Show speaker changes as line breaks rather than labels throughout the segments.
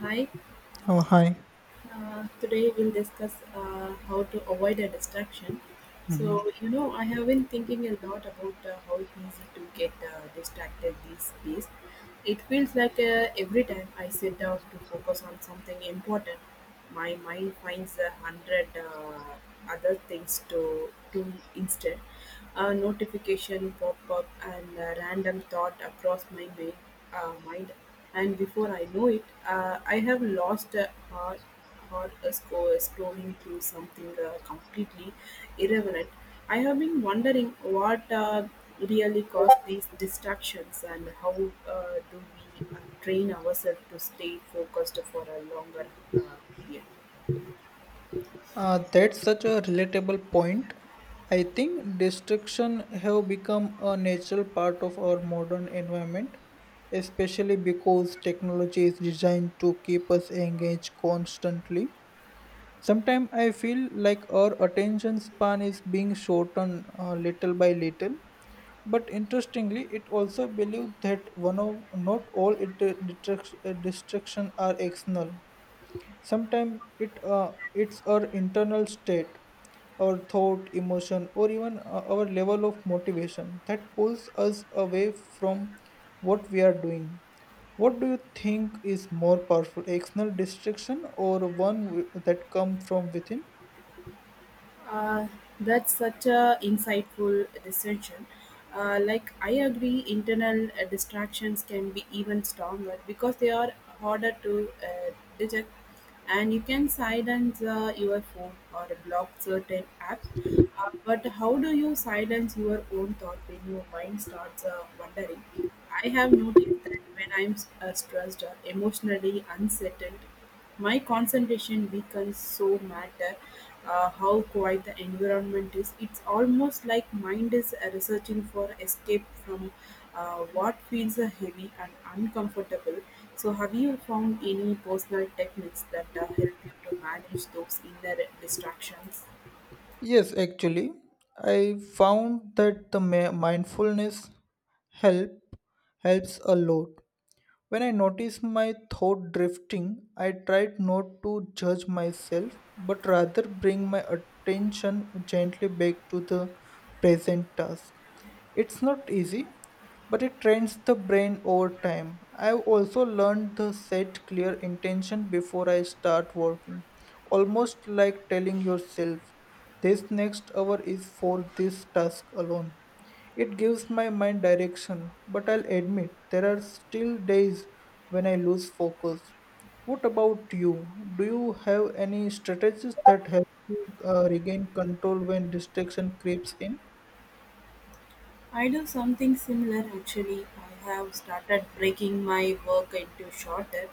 Hi.
Oh, hi.
Today we'll discuss how to avoid a distraction.
Mhm.
So, I have been thinking a lot about how easy to get distracted these days. It feels like every time I sit down to focus on something important, my mind finds a hundred other things to do instead. A notification pop up and a random thought across my mind, and before I know it, I have lost a or a scrolling through something completely irrelevant. I have been wondering what really cause these distractions and how do we train ourselves to stay focused for a longer uh, period.
That's such a relatable point. I think destruction have become a natural part of our modern environment, especially because technology is designed to keep us engaged constantly. Sometimes I feel like our attention span is being shortened little by little. But interestingly, it also believes that one of not all it, distraction are external. Sometimes it's our internal state, our thought, emotion, or even our level of motivation that pulls us away from what we are doing. What do you think is more powerful, external distraction or that come from within?
Uh, that's such a insightful discussion. Like I agree, internal distractions can be even stronger because they are harder to detect, and you can silence your phone or block certain apps. But how do you silence your own thought when your mind starts wandering? I have noticed that when I'm stressed or emotionally unsettled, my concentration weakens so matter how quiet the environment is. It's almost like mind is researching for escape from what feels heavy and uncomfortable. So have you found any personal techniques that help you to manage those inner distractions?
Yes, actually, I found that the mindfulness help helps a lot. When I notice my thought drifting, I tried not to judge myself, but rather bring my attention gently back to the present task. It's not easy, but it trains the brain over time. I've also learned to set clear intention before I start working, almost like telling yourself, this next hour is for this task alone. It gives my mind direction, but I'll admit there are still days when I lose focus. What about you? Do you have any strategies that help you regain control when distraction creeps in?
I do something similar actually. I have started breaking my work into shorter,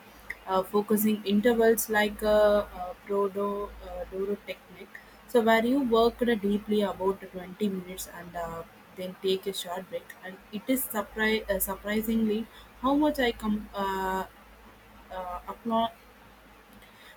focusing intervals like a Prodo Doro technique. So, where you work deeply about 20 minutes and then take a short break. And it is surprisingly how much I come apply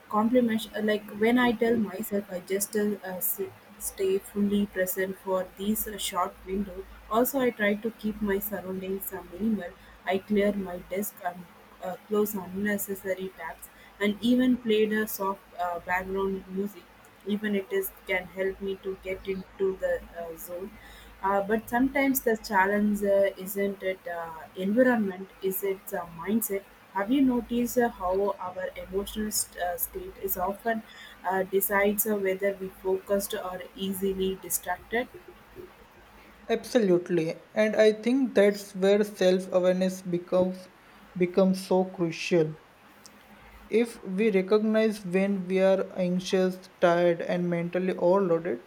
compliments like when I tell myself I just sit, stay fully present for these short window. Also, I try to keep my surroundings minimal. I clear my desk and close unnecessary tabs, and even played a soft background music. Even it is can help me to get into the zone. But sometimes the challenge isn't it environment, is its mindset. Have you noticed how our emotional state is often decides whether we focused or easily distracted?
Absolutely, and I think that's where self-awareness becomes so crucial. If we recognize when we are anxious, tired, and mentally overloaded,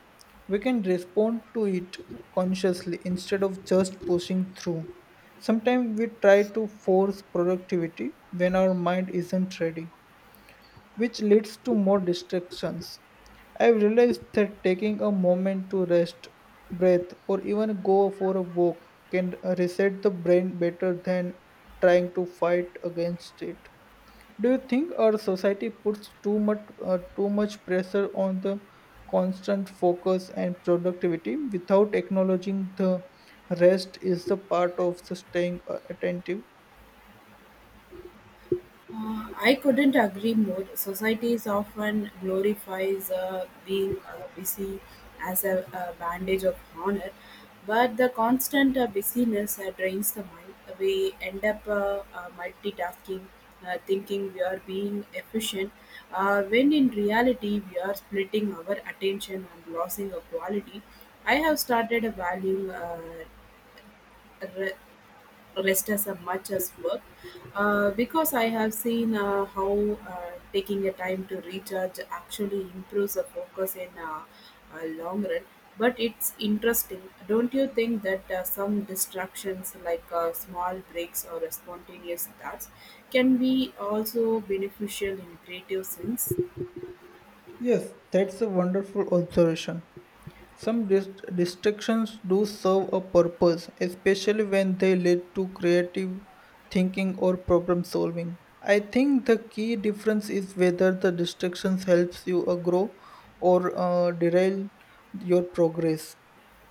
we can respond to it consciously instead of just pushing through. Sometimes we try to force productivity when our mind isn't ready, which leads to more distractions. I've realized that taking a moment to rest, breathe, or even go for a walk can reset the brain better than trying to fight against it. Do you think our society puts too much pressure on the constant focus and productivity without acknowledging the rest is the part of the staying attentive?
I couldn't agree more. Society is often glorifies being busy as a bandage of honor, but the constant busyness drains the mind. We end up multitasking, thinking we are being efficient, when in reality we are splitting our attention and losing a quality. I have started valuing re- rest as a much as work because I have seen how taking a time to recharge actually improves the focus in a long run. But it's interesting, don't you think that some distractions like small breaks or spontaneous thoughts can be also beneficial in creative sense?
Yes, that's a wonderful observation. Some dis- distractions do serve a purpose, especially when they lead to creative thinking or problem solving. I think the key difference is whether the distractions helps you grow or derail your progress.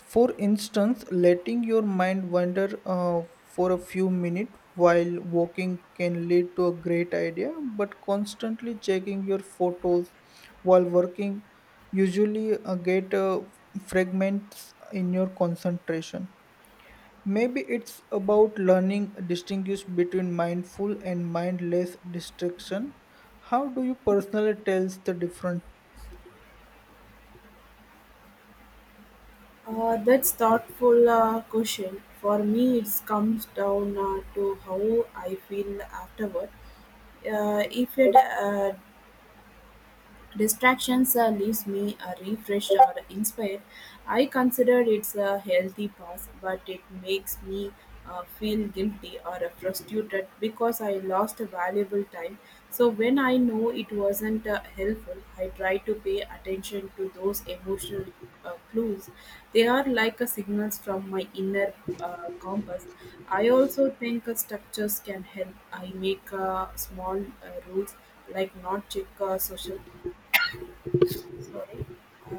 For instance, letting your mind wander for a few minutes while walking can lead to a great idea, but constantly checking your photos while working usually get fragments in your concentration. Maybe it's about learning distinguish between mindful and mindless distraction. How do you personally tell the difference?
That's thoughtful question. For me, it comes down to how I feel afterward. If it distractions leaves me refreshed or inspired. I consider it's a healthy pass, but it makes me feel guilty or frustrated because I lost valuable time. So when I know it wasn't helpful, I try to pay attention to those emotional clues. They are like a signals from my inner compass. I also think structures can help. I make small rules like not check social, sorry,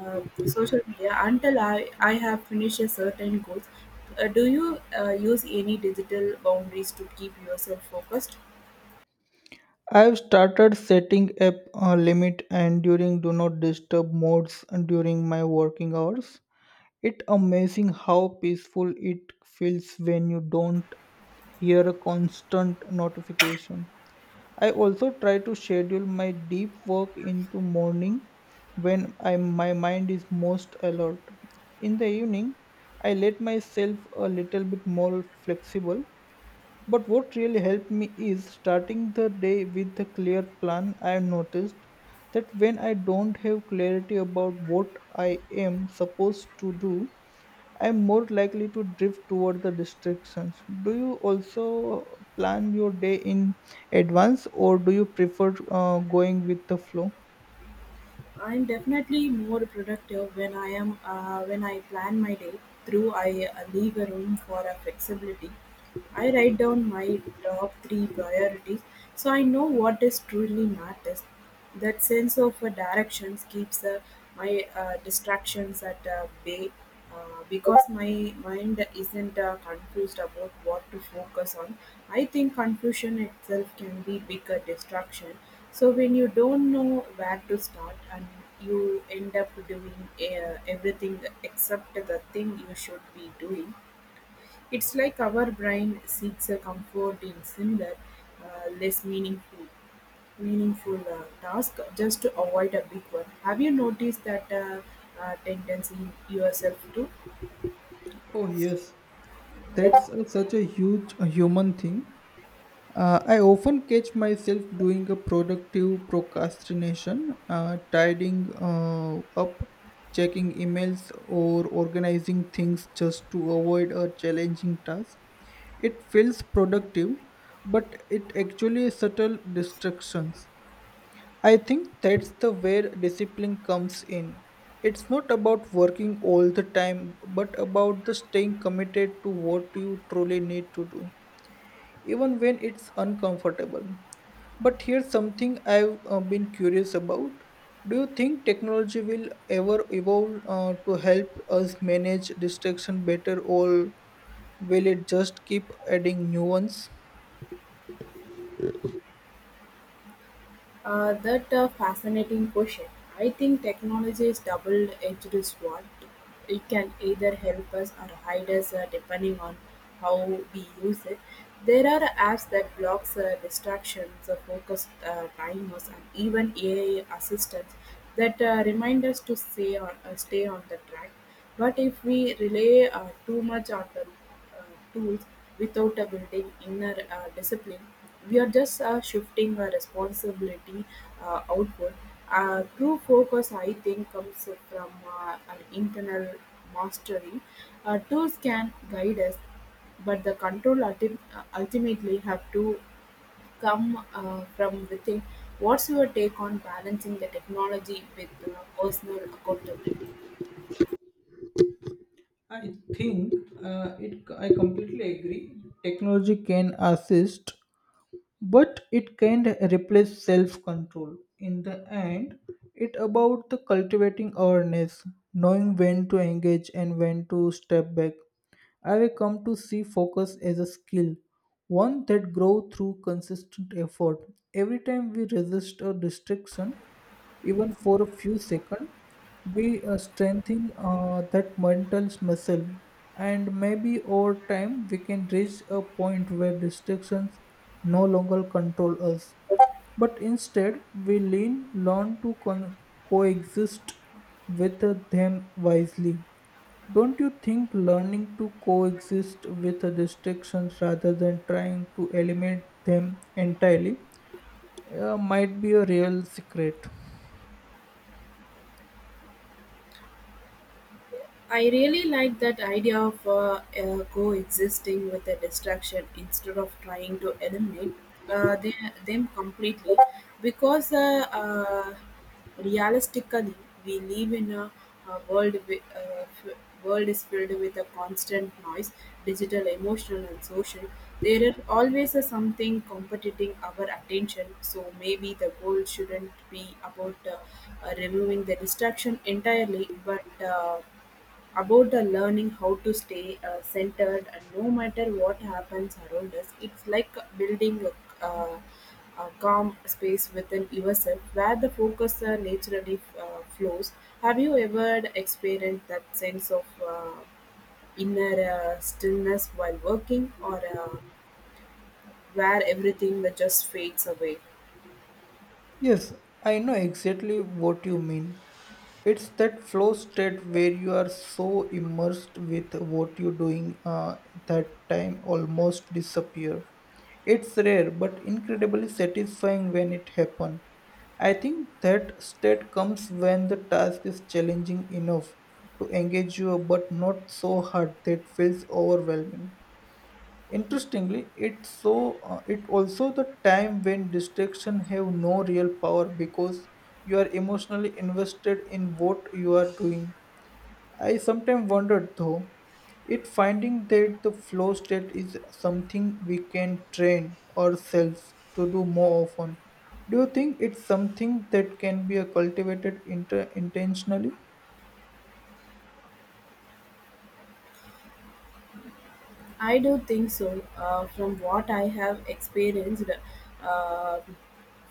social media until I have finished a certain goals. Do you use any digital boundaries to keep yourself focused?
I've started setting up a limit and during do not disturb modes during my working hours. It's amazing how peaceful it feels when you don't hear a constant notification. I also try to schedule my deep work into morning when my mind is most alert. In the evening, I let myself a little bit more flexible, but what really helped me is starting the day with a clear plan. I have noticed that when I don't have clarity about what I am supposed to do, I am more likely to drift toward the distractions. Do you also plan your day in advance or do you prefer going with the flow?
I'm definitely more productive when I am when I plan my day through. I leave a room for a flexibility. I write down my top three priorities so I know what is truly matters. That sense of directions keeps my distractions at bay because my mind isn't confused about what to focus on. I think confusion itself can be bigger distraction, so when you don't know where to start and you end up doing everything except the thing you should be doing, it's like our brain seeks a comfort in similar, uh, less meaningful, meaningful task just to avoid a big one. Have you noticed that tendency in yourself too?
Oh, yes, such a huge human thing. I often catch myself doing a productive procrastination, tidying up, checking emails, or organizing things just to avoid a challenging task. It feels productive, but it actually subtle distractions. I think that's the where discipline comes in. It's not about working all the time, but about the staying committed to what you truly need to do, even when it's uncomfortable. But here's something I've been curious about. Do you think technology will ever evolve to help us manage distraction better, or will it just keep adding new ones?
That a fascinating question. I think technology is double-edged sword. It can either help us or hide us, depending on how we use it. There are apps that blocks distractions, focus timers, and even AI assistants that remind us to stay on, stay on the track. But if we rely too much on the tools without a building inner discipline. We are just shifting our responsibility outward. True focus, I think, comes from an internal mastery. Tools can guide us, but the control ultimately have to come from within. What's your take on balancing the technology with personal accountability?
I think it. I completely agree. Technology can assist, but it can not replace self-control. In the end, it about the cultivating awareness, knowing when to engage and when to step back. I will come to see focus as a skill, one that grows through consistent effort. Every time we resist a distraction, even for a few seconds, we strengthen that mental muscle. And maybe over time, we can reach a point where distractions no longer control us. But instead, learn to coexist with them wisely. Don't you think learning to coexist with the distractions rather than trying to eliminate them entirely might be a real secret?
I really like that idea of coexisting with a distraction instead of trying to eliminate uh, the, them completely because realistically we live in a world wi- f- world is filled with a constant noise, digital emotional and social. There is always a something competing our attention, so maybe the goal shouldn't be about removing the distraction entirely but about the learning how to stay centered and no matter what happens around us. It's like building a, a, a calm space within yourself where the focus naturally flows. Have you ever experienced that sense of inner stillness while working or where everything that just fades away?
Yes, I know exactly what you mean. It's that flow state where you are so immersed with what you're doing that time almost disappear. It's rare but incredibly satisfying when it happens. I think that state comes when the task is challenging enough to engage you but not so hard that feels overwhelming. Interestingly, it also the time when distraction have no real power because you are emotionally invested in what you are doing. I sometimes wondered though, it finding that the flow state is something we can train ourselves to do more often. Do you think it's something that can be cultivated intentionally?
I do think so. From what I have experienced, uh,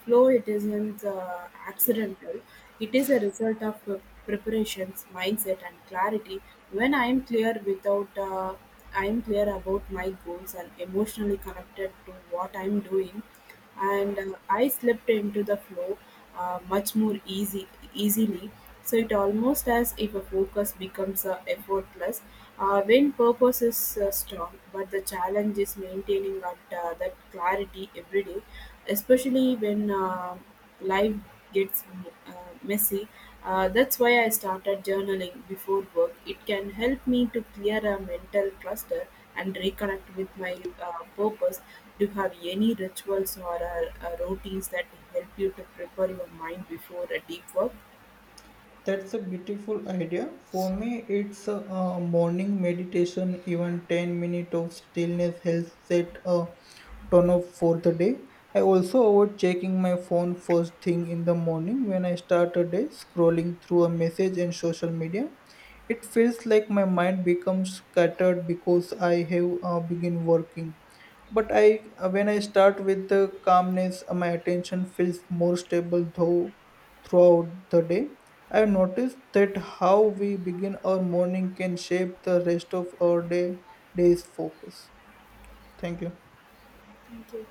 flow it isn't accidental. It is a result of preparations, mindset, and clarity. When I am clear without, I am clear about my goals and emotionally connected to what I am doing, and I slipped into the flow much more easy easily. So it almost as if a focus becomes effortless when purpose is strong, but the challenge is maintaining that clarity every day, especially when life gets uh, messy. That's why I started journaling before work. It can help me to clear a mental cluster and reconnect with my purpose. Do you have any rituals or routines that help you to prepare your mind before a deep work?
That's a beautiful idea. For me, it's morning meditation, even 10 minutes of stillness helps set a tone of for the day. I also avoid checking my phone first thing in the morning when I start a day, scrolling through a message and social media. It feels like my mind becomes scattered because I have begin working. But I, when I start with the calmness, my attention feels more stable though throughout the day. I have noticed that how we begin our morning can shape the rest of our day's focus. Thank you.
Thank you.